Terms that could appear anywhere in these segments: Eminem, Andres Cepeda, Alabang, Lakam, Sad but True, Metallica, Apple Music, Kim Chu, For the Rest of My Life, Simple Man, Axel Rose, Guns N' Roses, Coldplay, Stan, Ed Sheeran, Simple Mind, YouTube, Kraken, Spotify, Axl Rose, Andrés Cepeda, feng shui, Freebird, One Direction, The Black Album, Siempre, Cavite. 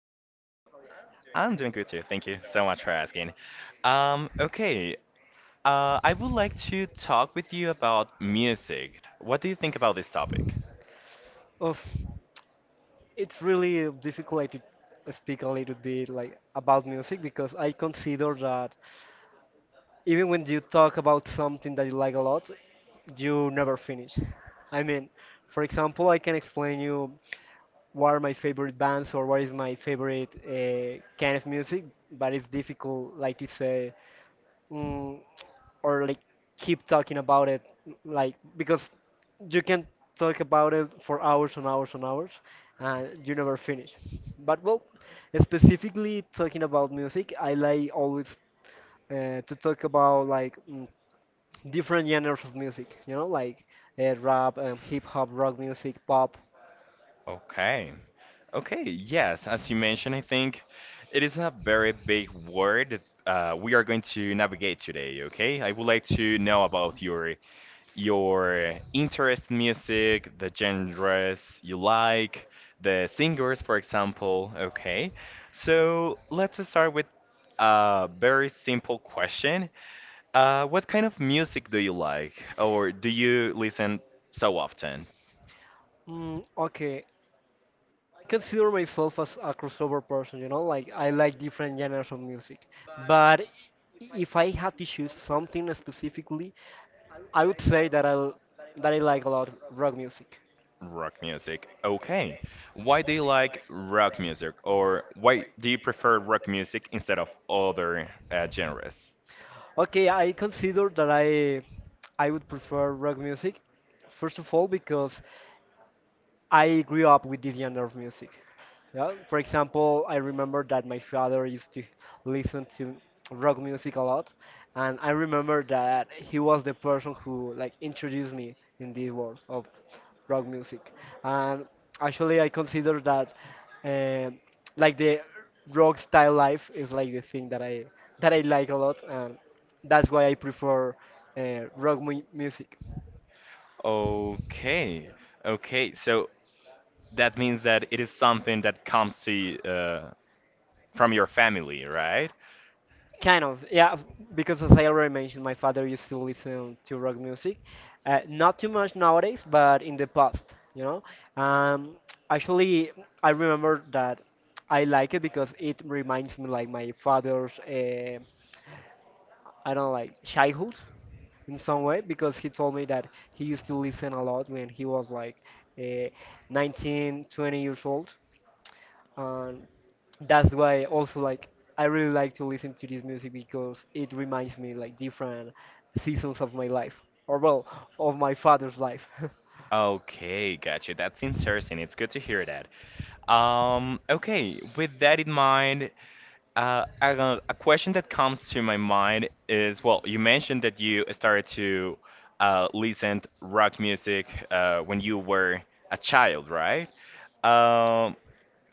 are you? I'm doing good too. Thank you so much for asking. Okay. I would like to talk with you about music. What do you think about this topic? Oh, it's really difficult like, to speak a little bit like about music because I consider that even when you talk about something that you like a lot, you never finish. I mean, for example, I can explain you what are my favorite bands or what is my favorite kind of music, but it's difficult like to say. Mm, or like keep talking about it like because you can talk about it for hours and hours and hours and you never finish, but well, specifically talking about music, I like always to talk about like different genres of music, like rap, hip hop, rock music, pop. Okay. Okay, yes, as you mentioned, I think it is a very big word that we are going to navigate today, okay? I would like to know about your interest in music, the genres you like, the singers, for example. Okay, so let's start with a very simple question. What kind of music do you like, or do you listen so often? Okay, consider myself as a crossover person, you know, like I like different genres of music, but if I had to choose something specifically, I would say that I like a lot rock music. Rock music. Okay. Why do you like rock music, or why do you prefer rock music instead of other genres? Okay, I consider that I would prefer rock music. First of all, because I grew up with this genre of music. Yeah, for example, I remember that my father used to listen to rock music a lot, and I remember that he was the person who like introduced me in the world of rock music. And actually, I consider that um like the rock style life is like the thing that I like a lot, and that's why I prefer rock mu music. Okay. Okay. So that means that it is something that comes to you, from your family, right? Kind of, yeah, because as I already mentioned, my father used to listen to rock music. Not too much nowadays, but in the past, you know. Um, actually, I remember that I like it because it reminds me like my father's, I don't know, like childhood in some way, because he told me that he used to listen a lot when he was like uh, 19, 20 years old. And that's why also like I really like to listen to this music because it reminds me like different seasons of my life, or well, of my father's life. Okay, gotcha. That's interesting. It's good to hear that. Okay, with that in mind, a question that comes to my mind is, well, you mentioned that you started to listen to rock music when you were a child, right? Um,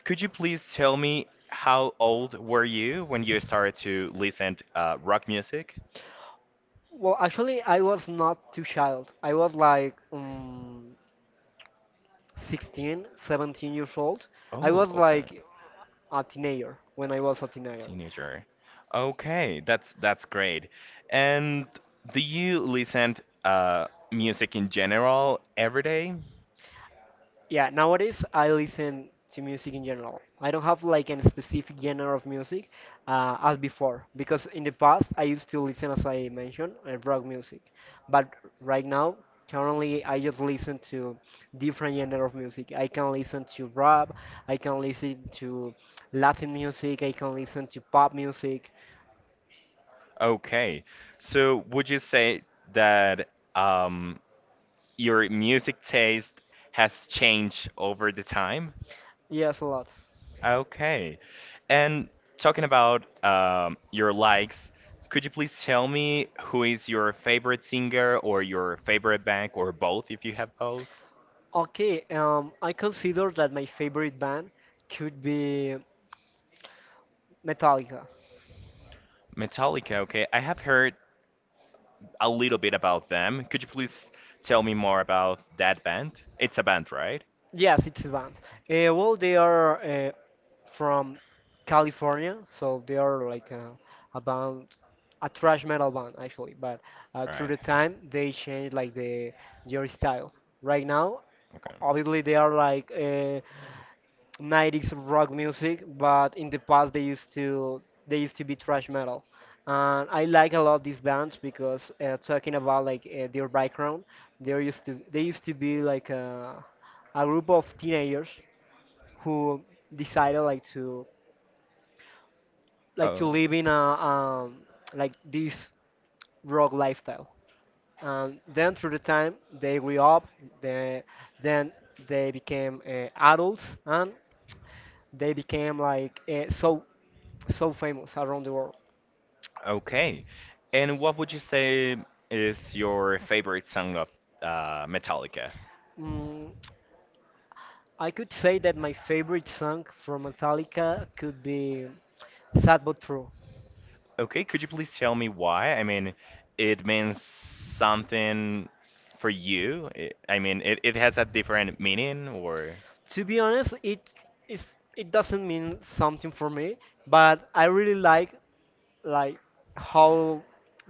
could you please tell me how old were you when you started to listen to rock music? Well, actually I was not too child. I was like 16, 17 years old. I Oh, was okay. like a teenager when I was a teenager. Teenager. Okay, that's great. And do you listen to music in general every day? Yeah, nowadays I listen to music in general. I don't have like any specific genre of music as before, because in the past I used to listen, as I mentioned, rock music. But right now, currently, I just listen to different genre of music. I can listen to rap, I can listen to Latin music, I can listen to pop music. Okay, so would you say that um, your music taste has changed over the time? Yes, a lot. Okay, and talking about your likes, could you please tell me who is your favorite singer or your favorite band or both if you have both? Okay, I consider that my favorite band could be Metallica. Metallica, okay. I have heard a little bit about them. Could you please tell me more about that band? It's a band, right? Yes, it's a band. Well, they are from California, so they are like a band, a thrash metal band actually. But through Right. the time, they changed like their style. Right now, Okay. obviously, they are like 90s rock music, but in the past they used to be thrash metal. And I like a lot these bands because talking about like their background, they used to be like a group of teenagers who decided like to Oh. live in a like this rock lifestyle. And then through the time they grew up, they, then they became adults and they became like so famous around the world. Okay. And what would you say is your favorite song of Metallica? Mm, I could say that my favorite song from Metallica could be Sad but True. Okay, could you please tell me why? I mean, it means something for you. I mean, it has a different meaning or. To be honest, is it doesn't mean something for me, but I really like how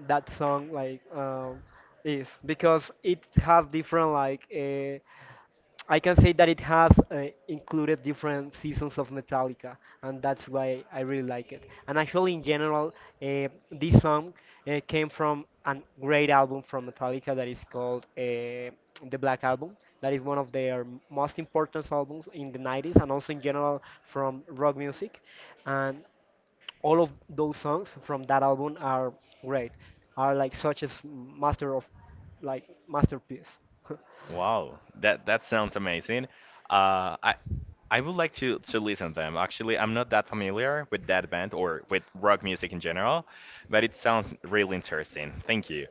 that song like is because it has different like I can say that it has included different seasons of Metallica, and that's why I really like it. And actually in general this song came from a great album from Metallica that is called The Black Album. That is one of their most important albums in the 90s and also in general from rock music. And all of those songs from that album are great, are like such as master of like masterpiece. Wow, that sounds amazing. Uh, I I would like to listen to them. Actually, I'm not that familiar with that band or with rock music in general, but it sounds really interesting. Thank you.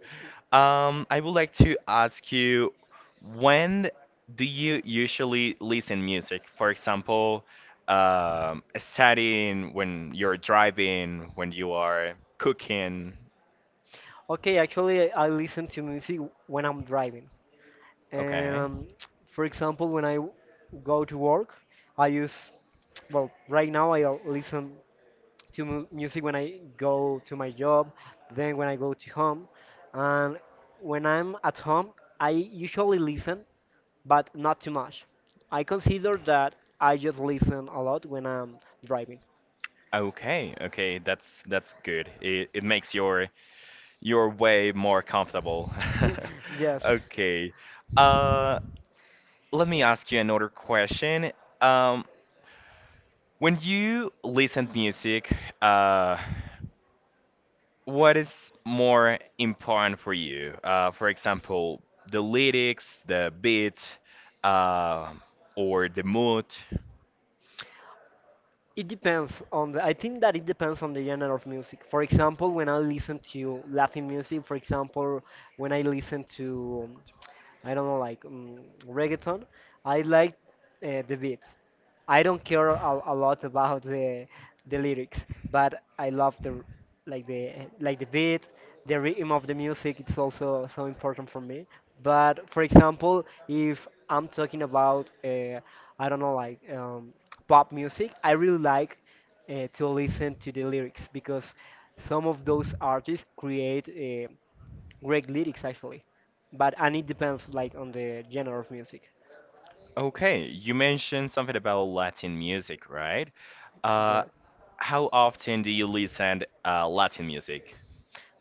I would like to ask you, when do you usually listen music? For example, studying, when you're driving, when you are cooking. Okay, actually I listen to music when I'm driving, Okay. um for example when I go to work I use, well, right now I listen to music when I go to my job, then when I go to home, and when I'm at home I usually listen, but not too much. I consider that I just listen a lot when I'm driving. Okay, okay, that's good. It makes your You're way more comfortable. Yes. Okay. Uh, Let me ask you another question. Um, when you listen to music, uh, what is more important for you? For example, the lyrics, the beat, uh, or the mood? It depends on the. I think that it depends on the genre of music. For example, when I listen to Latin music, for example, when I listen to I don't like reggaeton. I like the beat. I don't care a lot about the lyrics, but I love like the the beat, the rhythm of the music. It's also so important for me. But for example, if I'm talking about I don't know like pop music, I really like to listen to the lyrics because some of those artists create great lyrics actually, but and it depends like on the genre of music. Okay, you mentioned something about Latin music, right? Uh, Yeah. how often do you listen Latin music?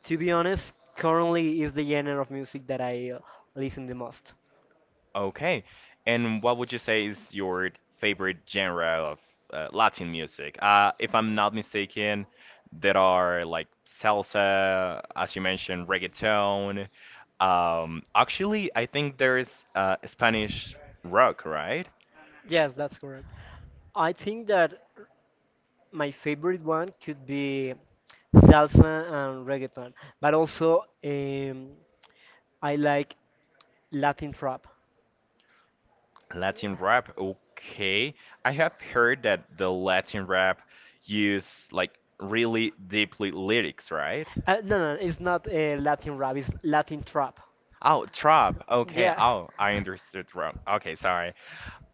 To be honest, currently is the genre of music that I listen the most. Okay. And what would you say is your favorite genre of Latin music? If I'm not mistaken, there are like salsa, as you mentioned, reggaeton. Actually, I think there is Spanish rock, right? Yes, that's correct. I think that my favorite one could be salsa and reggaeton, but also I like Latin trap. Latin rap. Okay. I have heard that the Latin rap use like really deeply lyrics, right? No, no, it's not Latin rap. It's Latin trap. Oh, trap. Okay. Yeah. Oh, I understood wrong. Okay, sorry.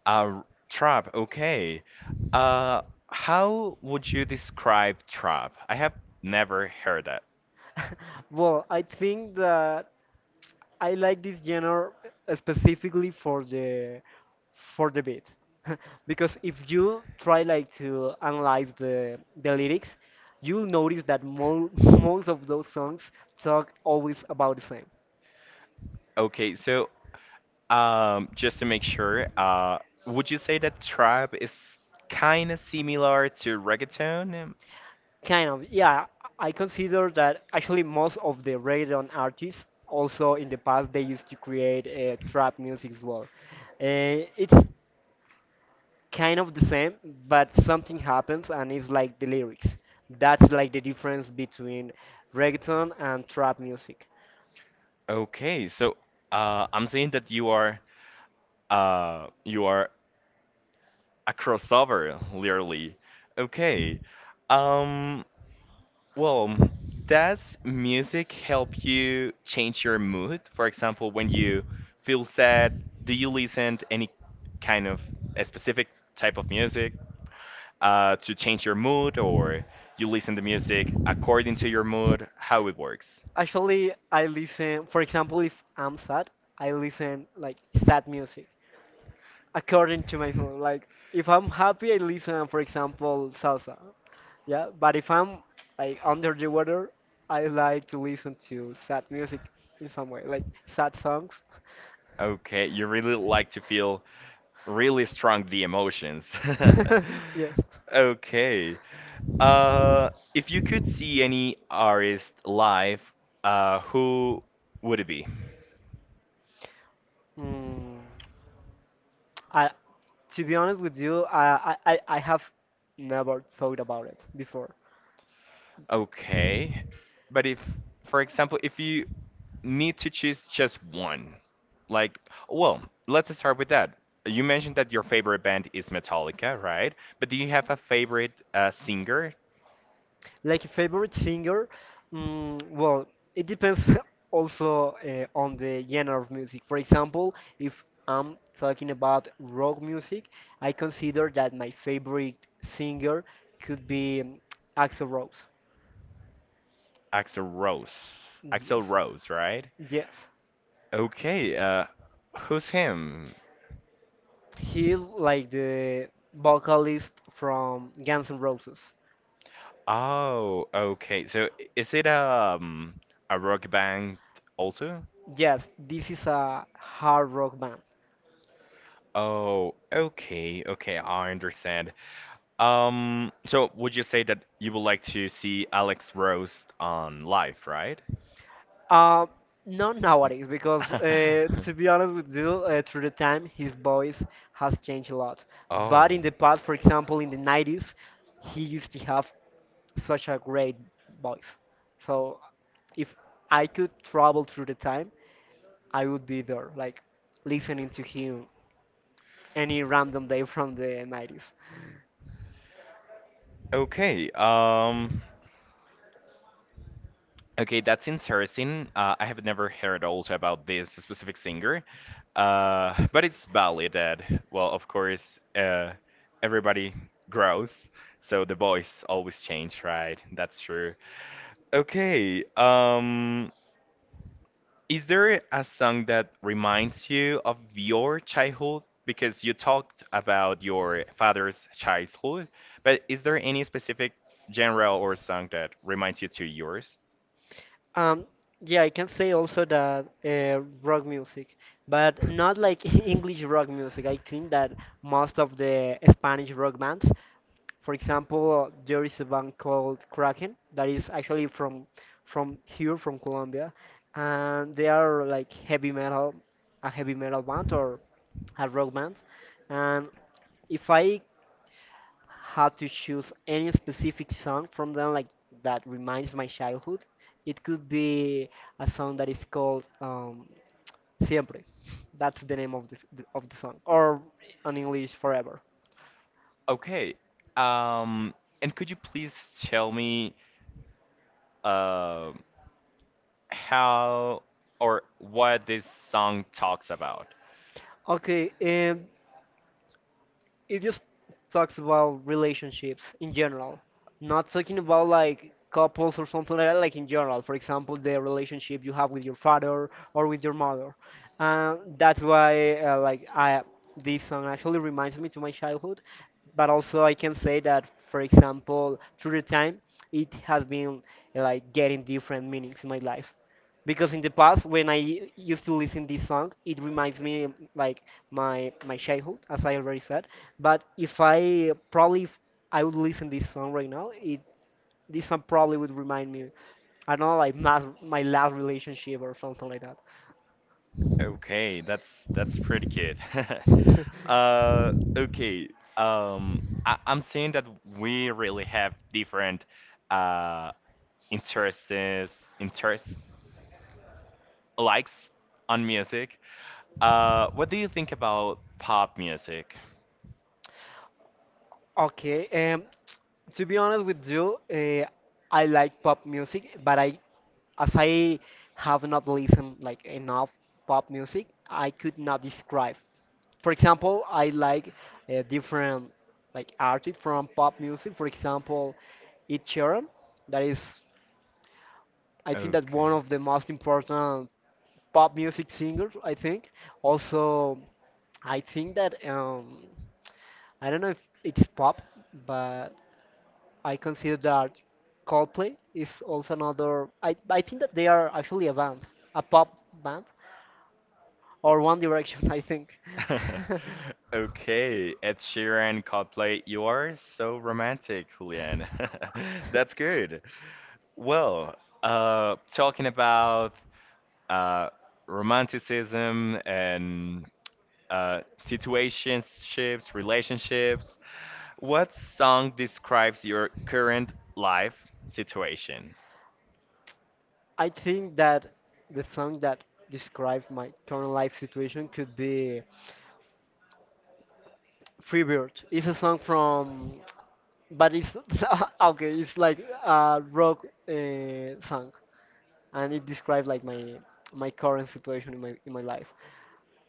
Uh, Trap. Okay. Uh, how would you describe trap? I have never heard that. Well, I think that I like this genre specifically for the beat. Because if you try like to analyze the lyrics, you'll notice that mo most of those songs talk always about the same. Okay, so just to make sure, would you say that trap is kind of similar to reggaeton? Kind of, yeah. I consider that actually most of the reggaeton artists also in the past they used to create trap music as well. It's kind of the same, but something happens and it's like the lyrics. That's like the difference between reggaeton and trap music. Okay, so I'm saying that you are a crossover, literally. Okay. Um, Well, does music help you change your mood? For example, when you feel sad, do you listen to any kind of a specific type of music to change your mood, or you listen to music according to your mood? How it works? Actually, I listen, for example, if I'm sad, I listen like sad music according to my mood. Like if I'm happy, I listen, for example, salsa. Yeah, but if I'm like under the weather, I like to listen to sad music in some way, like sad songs. Okay, you really like to feel really strong the emotions. Yes. Okay. If you could see any artist live, who would it be? Mm. I, to be honest with you, I have never thought about it before. Okay. But if, for example, if you need to choose just one, like, well, let's start with that. You mentioned that your favorite band is Metallica, right? But do you have a favorite singer? Like a favorite singer, well, it depends also on the genre of music. For example, if I'm talking about rock music, I consider that my favorite singer could be Axl Rose. Axel Rose. Axel Yes, Rose, right? yes. Okay, who's him? He's like the vocalist from Guns N' Roses. Oh, okay. So is it a rock band also? Yes, this is a hard rock band. Oh, okay, okay, I understand. So would you say that you would like to see Alex Rose on live, right? Um, not nowadays, because to be honest with you, through the time his voice has changed a lot. Oh. But in the past, for example, in the 90s, he used to have such a great voice. So if I could travel through the time, I would be there, like listening to him any random day from the 90s. Okay, okay, that's interesting. I have never heard also about this specific singer, but it's valid that, well, of course, everybody grows, so the voice always change, right? That's true. Okay, is there a song that reminds you of your childhood? Because you talked about your father's childhood, but is there any specific genre or song that reminds you to yours? Um, yeah, I can say also that rock music, but not like English rock music. I think that most of the Spanish rock bands, for example, there is a band called Kraken that is actually from here, from Colombia, and they are like heavy metal, a heavy metal band or a rock band. And if I had to choose any specific song from them like that reminds my childhood, it could be a song that is called Siempre. That's the name of the song, or in English, Forever. Okay. Um, and could you please tell me um how or what this song talks about? Okay, it just talks about relationships in general, not talking about like couples or something like that, like in general. For example, the relationship you have with your father or with your mother. That's why like I this song actually reminds me to my childhood, but also I can say that for example through the time it has been like getting different meanings in my life, because in the past when I used to listen this song it reminds me like my childhood, as I already said, but if I probably if I would listen this song right now, it this song probably would remind me, I don't know, like my last relationship or something like that. Okay, that's pretty good. Uh, okay. I'm seeing that we really have different uh interests, interests, likes on music. What do you think about pop music? Okay, to be honest with you, I like pop music, but I as I have not listened like enough pop music, I could not describe. For example, I like different like artists from pop music. For example, Ed Sheeran, that is I think that Okay. one of the most important pop music singers. I think also I think that I don't know if it's pop, but I consider that Coldplay is also another. I think that they are actually a band, a pop band, or One Direction, I think. Okay, Ed Sheeran, Coldplay, you are so romantic, Julian. That's good. Well, talking about uh, romanticism and situationships, relationships. What song describes your current life situation? I think that the song that describes my current life situation could be Freebird. It's a song from, but it's okay. It's like a rock song, and it describes like my current situation in my life.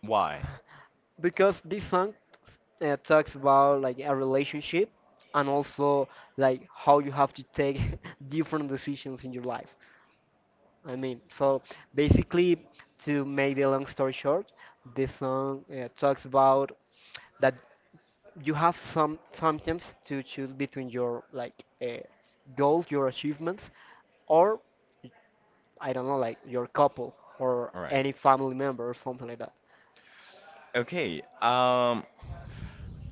Why? Because this song talks about like a relationship, and also like how you have to take different decisions in your life. So basically, to make the long story short, this song talks about that you have sometimes to choose between your like goals, your achievements, or I don't know, like your couple or All right. any family member or something like that. Okay.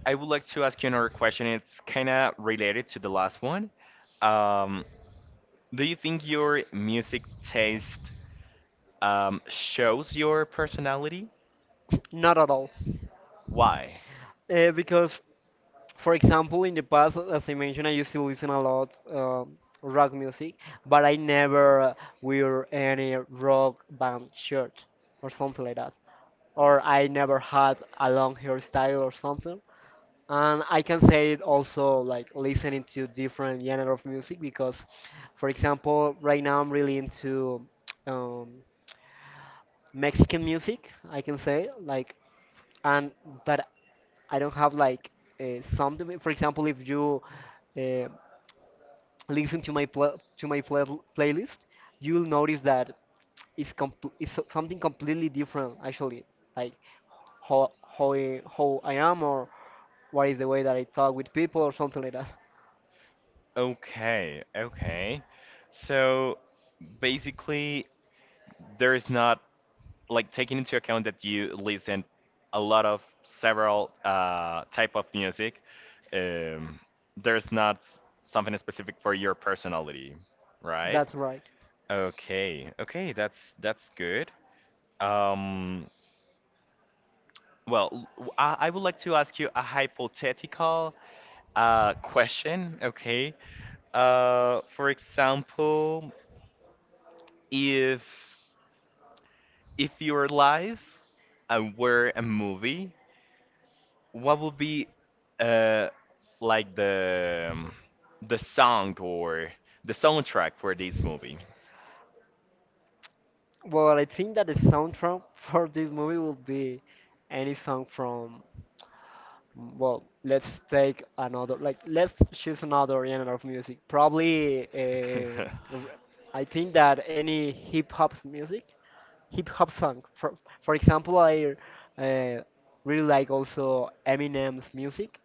I would like to ask you another question. It's kind of related to the last one. Um, do you think your music taste shows your personality? Not at all. Why? Because for example, in the past, as I mentioned, I used to listen a lot rock music, but I never wear any rock band shirt or something like that, or I never had a long hairstyle or something. And I can say it also like listening to different genre of music because, for example, right now I'm really into um, Mexican music. I can say like, and but I don't have like something. For example, if you uh, listen to my pl playlist, you'll notice that it's something completely different actually. Like how how I am or what is the way that I talk with people or something like that. Okay, okay. So basically, there is not like taking into account that you listen a lot of several type of music. Um, there's not something specific for your personality, right? That's right. Okay, okay, that's good. Um, well, I would like to ask you a hypothetical question, okay? For example. If if your life were a movie, what would be uh like the song or the soundtrack for this movie? Well, I think that the soundtrack for this movie will be any song from well, let's take another, like, let's choose another genre of music. Probably, r- I think that any hip hop music, hip hop song. For example, I uh, really like also Eminem's music.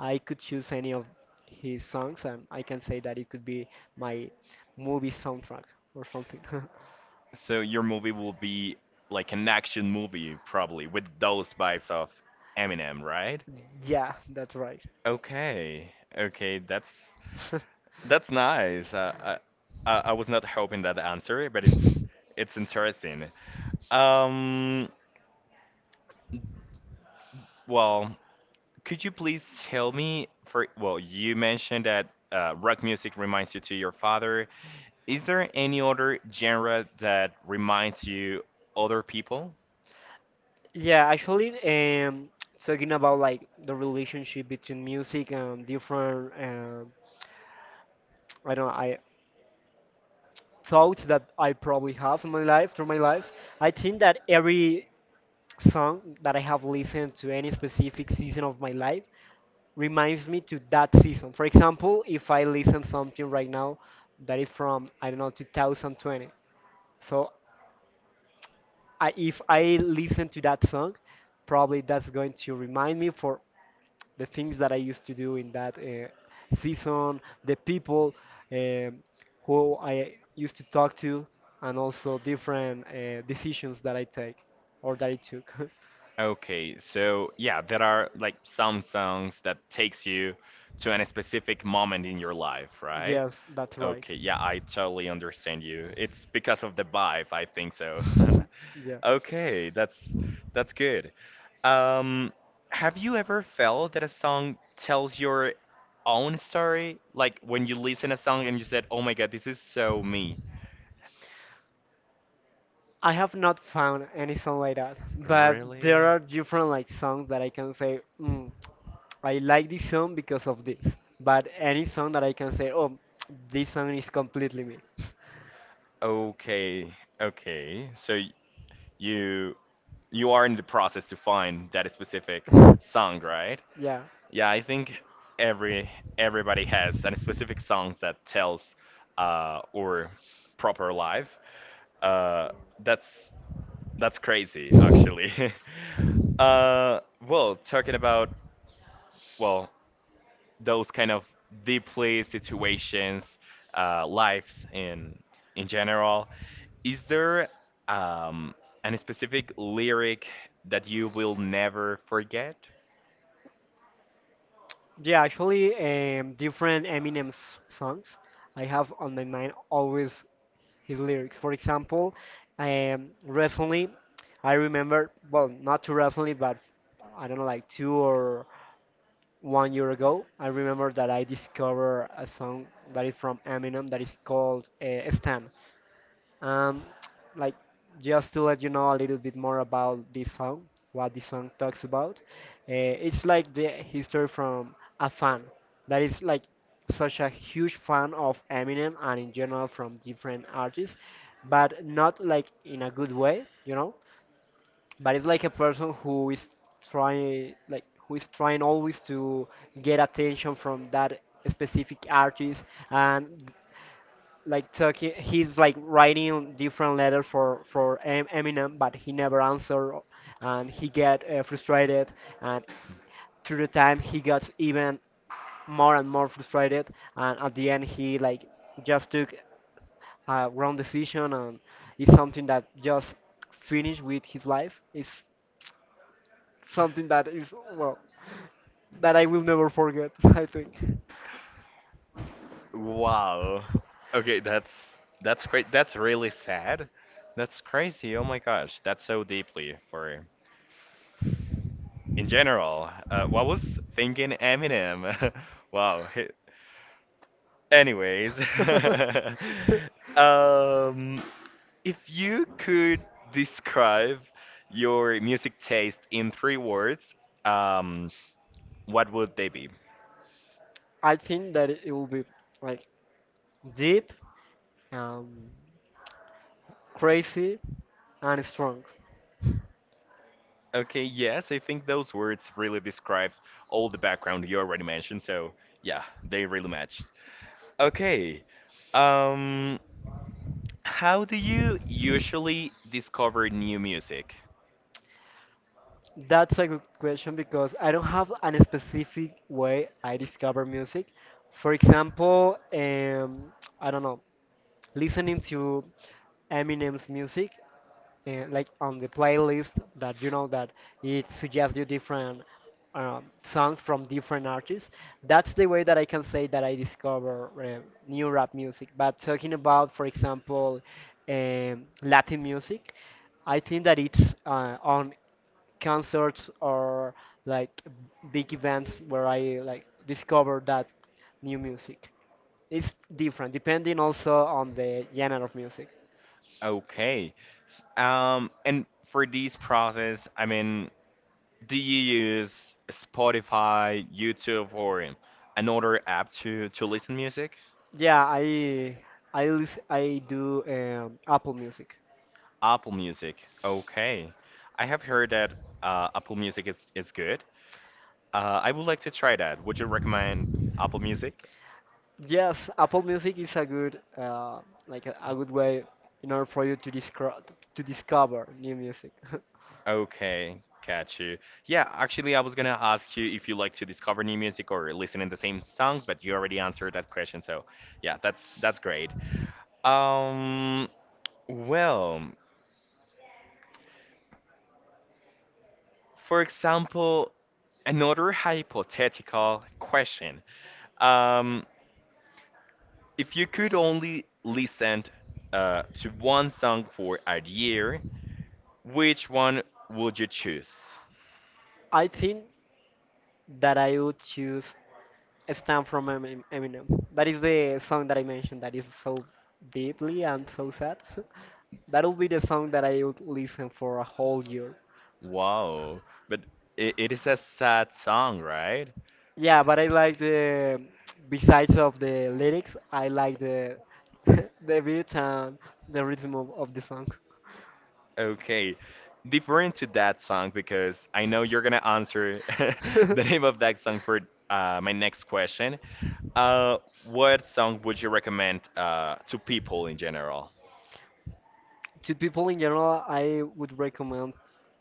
I could choose any of his songs, and I can say that it could be my movie soundtrack or something. So your movie will be like an action movie probably with those vibes of Eminem, right? Yeah, that's right. Okay. Okay, that's That's nice. I was not hoping that answer, but it's interesting. Um, well, could you please tell me for well, you mentioned that rock music reminds you to your father. Is there any other genre that reminds you other people? Yeah, actually, talking about like the relationship between music and different, I don't know, I thoughts that I probably have in my life through my life. I think that every song that I have listened to any specific season of my life reminds me to that season. For example, if I listen something right now that is from I don't know 2020, so I, if I listen to that song, probably that's going to remind me for the things that I used to do in that season, the people um, who I used to talk to, and also different decisions that I take or that I took. Okay, so yeah, there are like some songs that takes you to any specific moment in your life, right? Yes, that's right. Okay, yeah, I totally understand you. It's because of the vibe, I think so. Yeah. Okay, that's good. Um, have you ever felt that a song tells your own story? Like when you listen a song and you said, "Oh my God, this is so me." I have not found any song like that, but Really? there are different like songs that I can say, I like this song because of this. But any song that I can say, oh, this song is completely me. Okay, okay. So you you are in the process to find that specific song, right? Yeah. Yeah, I think every everybody has a specific song that tells our proper life. Uh, that's that's crazy, actually. uh, well, talking about well those kind of deeply situations, lives in general. Is there um, any specific lyric that you will never forget? Yeah, actually, different Eminem's songs. I have on my mind always his lyrics. For example, recently, I remember, well, not too recently, but I don't know, like two or one year ago, I remember that I discovered a song that is from Eminem that is called Stan. Um, like just to let you know a little bit more about this song, what the song talks about. Uh, it's like the history from a fan that is like such a huge fan of Eminem and in general from different artists, but not like in a good way, you know. But it's like a person who is trying, like who is trying always to get attention from that specific artist, and like talking, he's like writing different letters for Em- Eminem, but he never answered, and he get frustrated, and through the time he got even more and more frustrated, and at the end he like just took a wrong decision, and it's something that just finished with his life. It's something that is well, that I will never forget. I think Wow. Okay, that's great. That's really sad. That's crazy. Oh my gosh, that's so deeply for in general. What was thinking Eminem? Wow. Anyways, um, if you could describe your music taste in three words, um, what would they be? I think that it will be like deep, um, crazy, and strong. Okay, yes, I think those words really describe all the background you already mentioned, so yeah, they really match. Okay, um, how do you usually discover new music? That's a good question because I don't have a specific way I discover music. For example, I don't know, listening to Eminem's music like on the playlist that you know that it suggests you different songs from different artists. That's the way that I can say that I discover new rap music. But talking about, for example, Latin music, I think that it's on concerts or like big events where I like discover that new music. It's different depending also on the genre of music. Okay, and for this process, I mean, do you use Spotify, YouTube, or another app to listen music? Yeah, I do Apple Music. Apple Music. Okay, I have heard that Apple Music is good. I would like to try that. Would you recommend Apple Music? Yes, Apple Music is a good like a good way in order for you to discover new music. Okay, got you. Yeah, actually, I was gonna ask you if you like to discover new music or listen in the same songs, but you already answered that question. So, yeah, that's great. Um, well, for example, another hypothetical question. Um, if you could only listen to one song for a year, which one would you choose? I think that I would choose "Stand" from Emin- Eminem. That is the song that I mentioned that is so deeply and so sad. That will be the song that I would listen for a whole year. Wow, but it is a sad song, right? Yeah, but I like the besides of the lyrics, I like the the beat and the rhythm of the song. Okay, different to that song because I know you're gonna answer the name of that song for my next question. Uh, what song would you recommend to people in general? To people in general, I would recommend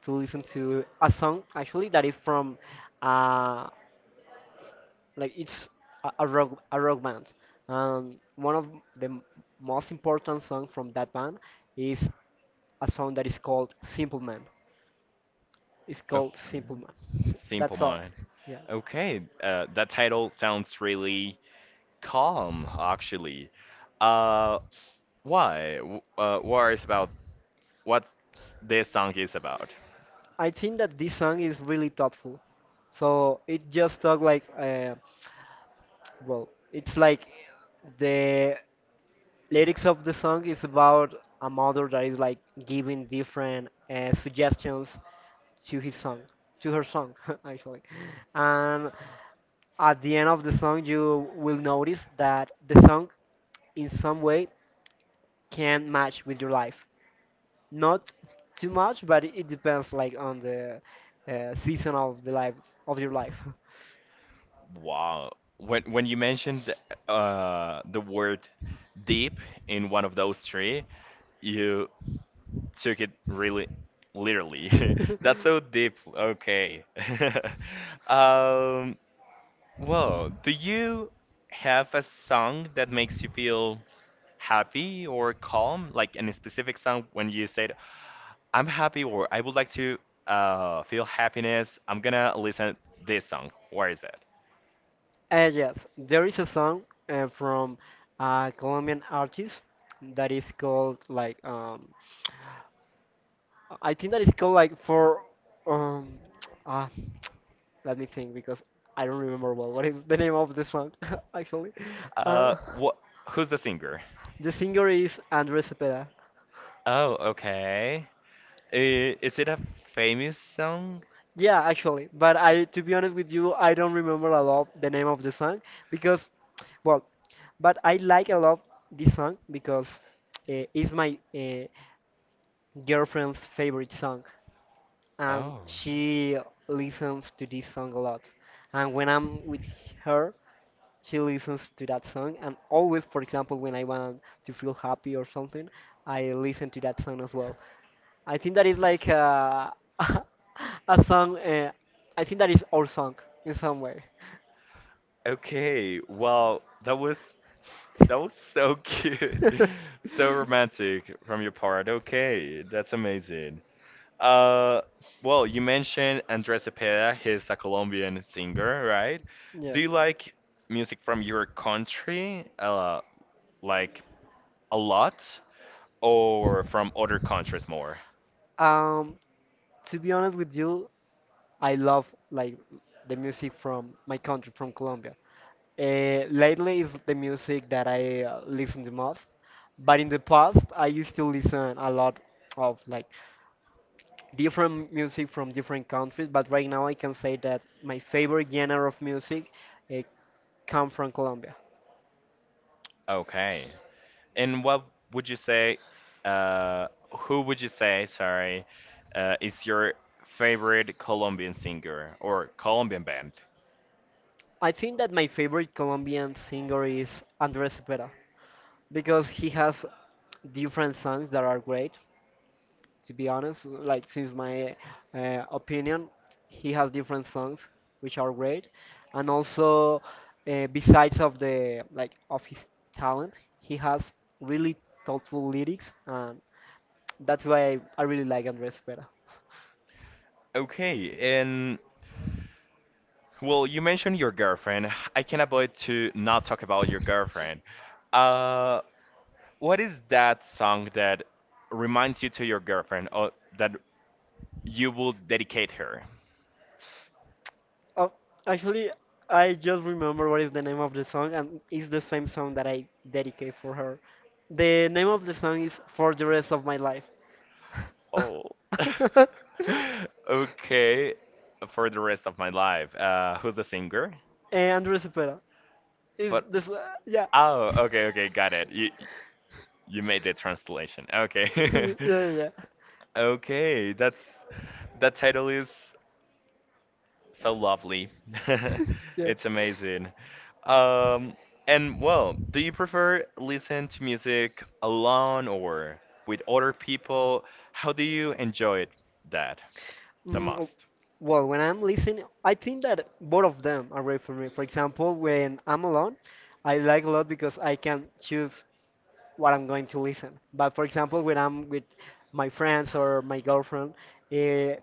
to listen to a song actually that is from uh like it's a, a rock band. One of the m- most important songs from that band is a song that is called Simple Man. It's called Okay, Simple Man. Simple That's all. Mind. Yeah. Okay, that title sounds really calm, actually. Uh, why? What is about what this song is about? I think that this song is really thoughtful. So it just talk like, well, it's like the lyrics of the song is about a mother that is like giving different suggestions to his song, to her song, actually. And at the end of the song, you will notice that the song in some way can match with your life. Not too much, but it depends like on the season of the life of your life. Wow. When you mentioned the word deep in one of those three, you took it really literally. That's so deep. Okay. Um, well, do you have a song that makes you feel happy or calm? Like any specific song when you said, I'm happy or I would like to feel happiness. I'm gonna listen this song. Where is that? And yes, there is a song from a Colombian artist that is called like I think that is called like for um ah, let me think because I don't remember well what is the name of the song actually. Uh, What Who's the singer? the singer is Andres Cepeda. Oh, okay. Is it a famous song? Yeah, actually, but I, to be honest with you, I don't remember a lot the name of the song because, well, but I like a lot this song because it's my girlfriend's favorite song, and Oh, she listens to this song a lot. And when I'm with her, she listens to that song, and always, for example, when I want to feel happy or something, I listen to that song as well. I think that is like a, a song. I think that is our song in some way. okay. Well, that was so cute, so romantic from your part. Okay, that's amazing. Uh, well, you mentioned Andrés Cepeda. He's a Colombian singer, right? Yeah. Do you like music from your country? Like a lot? Or from other countries more. Um, to be honest with you, I love like the music from my country, from Colombia. Lately is the music that I listen the most, but in the past I used to listen a lot of like different music from different countries. But right now I can say that my favorite genre of music uh, come from Colombia. Okay. And what would you say, uh, who would you say, sorry, is your favorite Colombian singer or Colombian band? I think that my favorite Colombian singer is Andres Cepeda, because he has different songs that are great. To be honest, like since my opinion, he has different songs which are great, and also besides of the like of his talent, he has really thoughtful lyrics, and that's why I really like Andres Pera. Okay, and well, you mentioned your girlfriend. I can't avoid to not talk about your girlfriend. Uh, what is that song that reminds you to your girlfriend or that you will dedicate her? Oh, actually, I just remember what is the name of the song, and it's the same song that I dedicate for her. The name of the song is For the Rest of My Life. Oh. Okay. For the rest of my life. Who's the singer? Eh, Andres Is But this? Yeah. Oh, okay, okay, got it. You made the translation. Okay. Yeah, yeah, yeah. Okay, that title is so lovely. Yeah. It's amazing. Um, and well, do you prefer listen to music alone or with other people? How do you enjoy it that the Mm, w- most? well, when I'm listening, I think that both of them are great for me. For example, when I'm alone, I like a lot because I can choose what I'm going to listen. But for example, when I'm with my friends or my girlfriend, uh,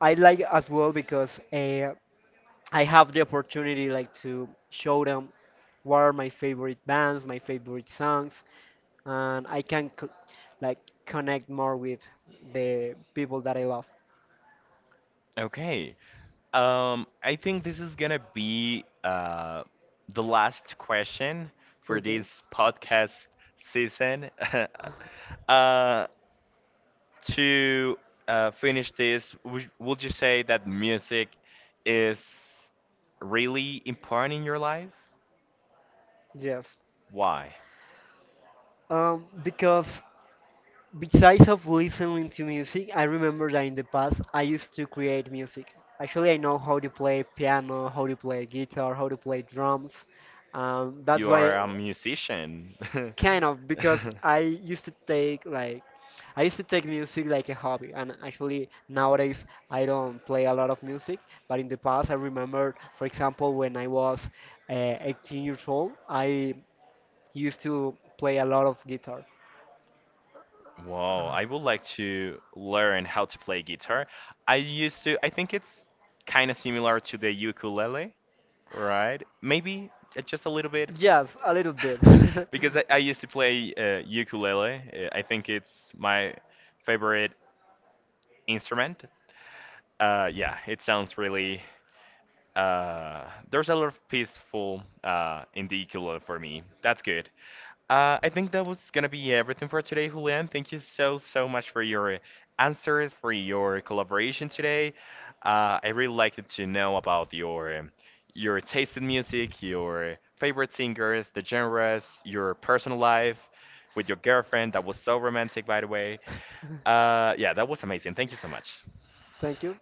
I like as well because I have the opportunity like to show them what are my favorite bands, my favorite songs, and I can like connect more with the people that I love. Okay. I think this is gonna be the last question for this podcast season. uh, to finish this, would you say that music is really important in your life? Yes. Why? Because besides of listening to music, I remember that in the past I used to create music. Actually, I know how to play piano, how to play guitar, how to play drums. That's You are why. a musician. Kind of, because I used to take music like a hobby, and actually nowadays I don't play a lot of music. But in the past, I remember, for example, when I was 18 years old, I used to play a lot of guitar. Wow, I would like to learn how to play guitar. I used to, I think it's kind of similar to the ukulele, right? Maybe just a little bit. Yes, a little bit. Because I used to play ukulele. I think it's my favorite instrument. Yeah, it sounds really. Uh, there's a lot of peaceful in the ukulele for me. That's good. I think that was gonna be everything for today, Julian. Thank you so, so much for your answers, for your collaboration today. I really liked to know about your taste in music, your favorite singers, the genres, your personal life with your girlfriend. That was so romantic, by the way. Yeah, that was amazing. Thank you so much. Thank you.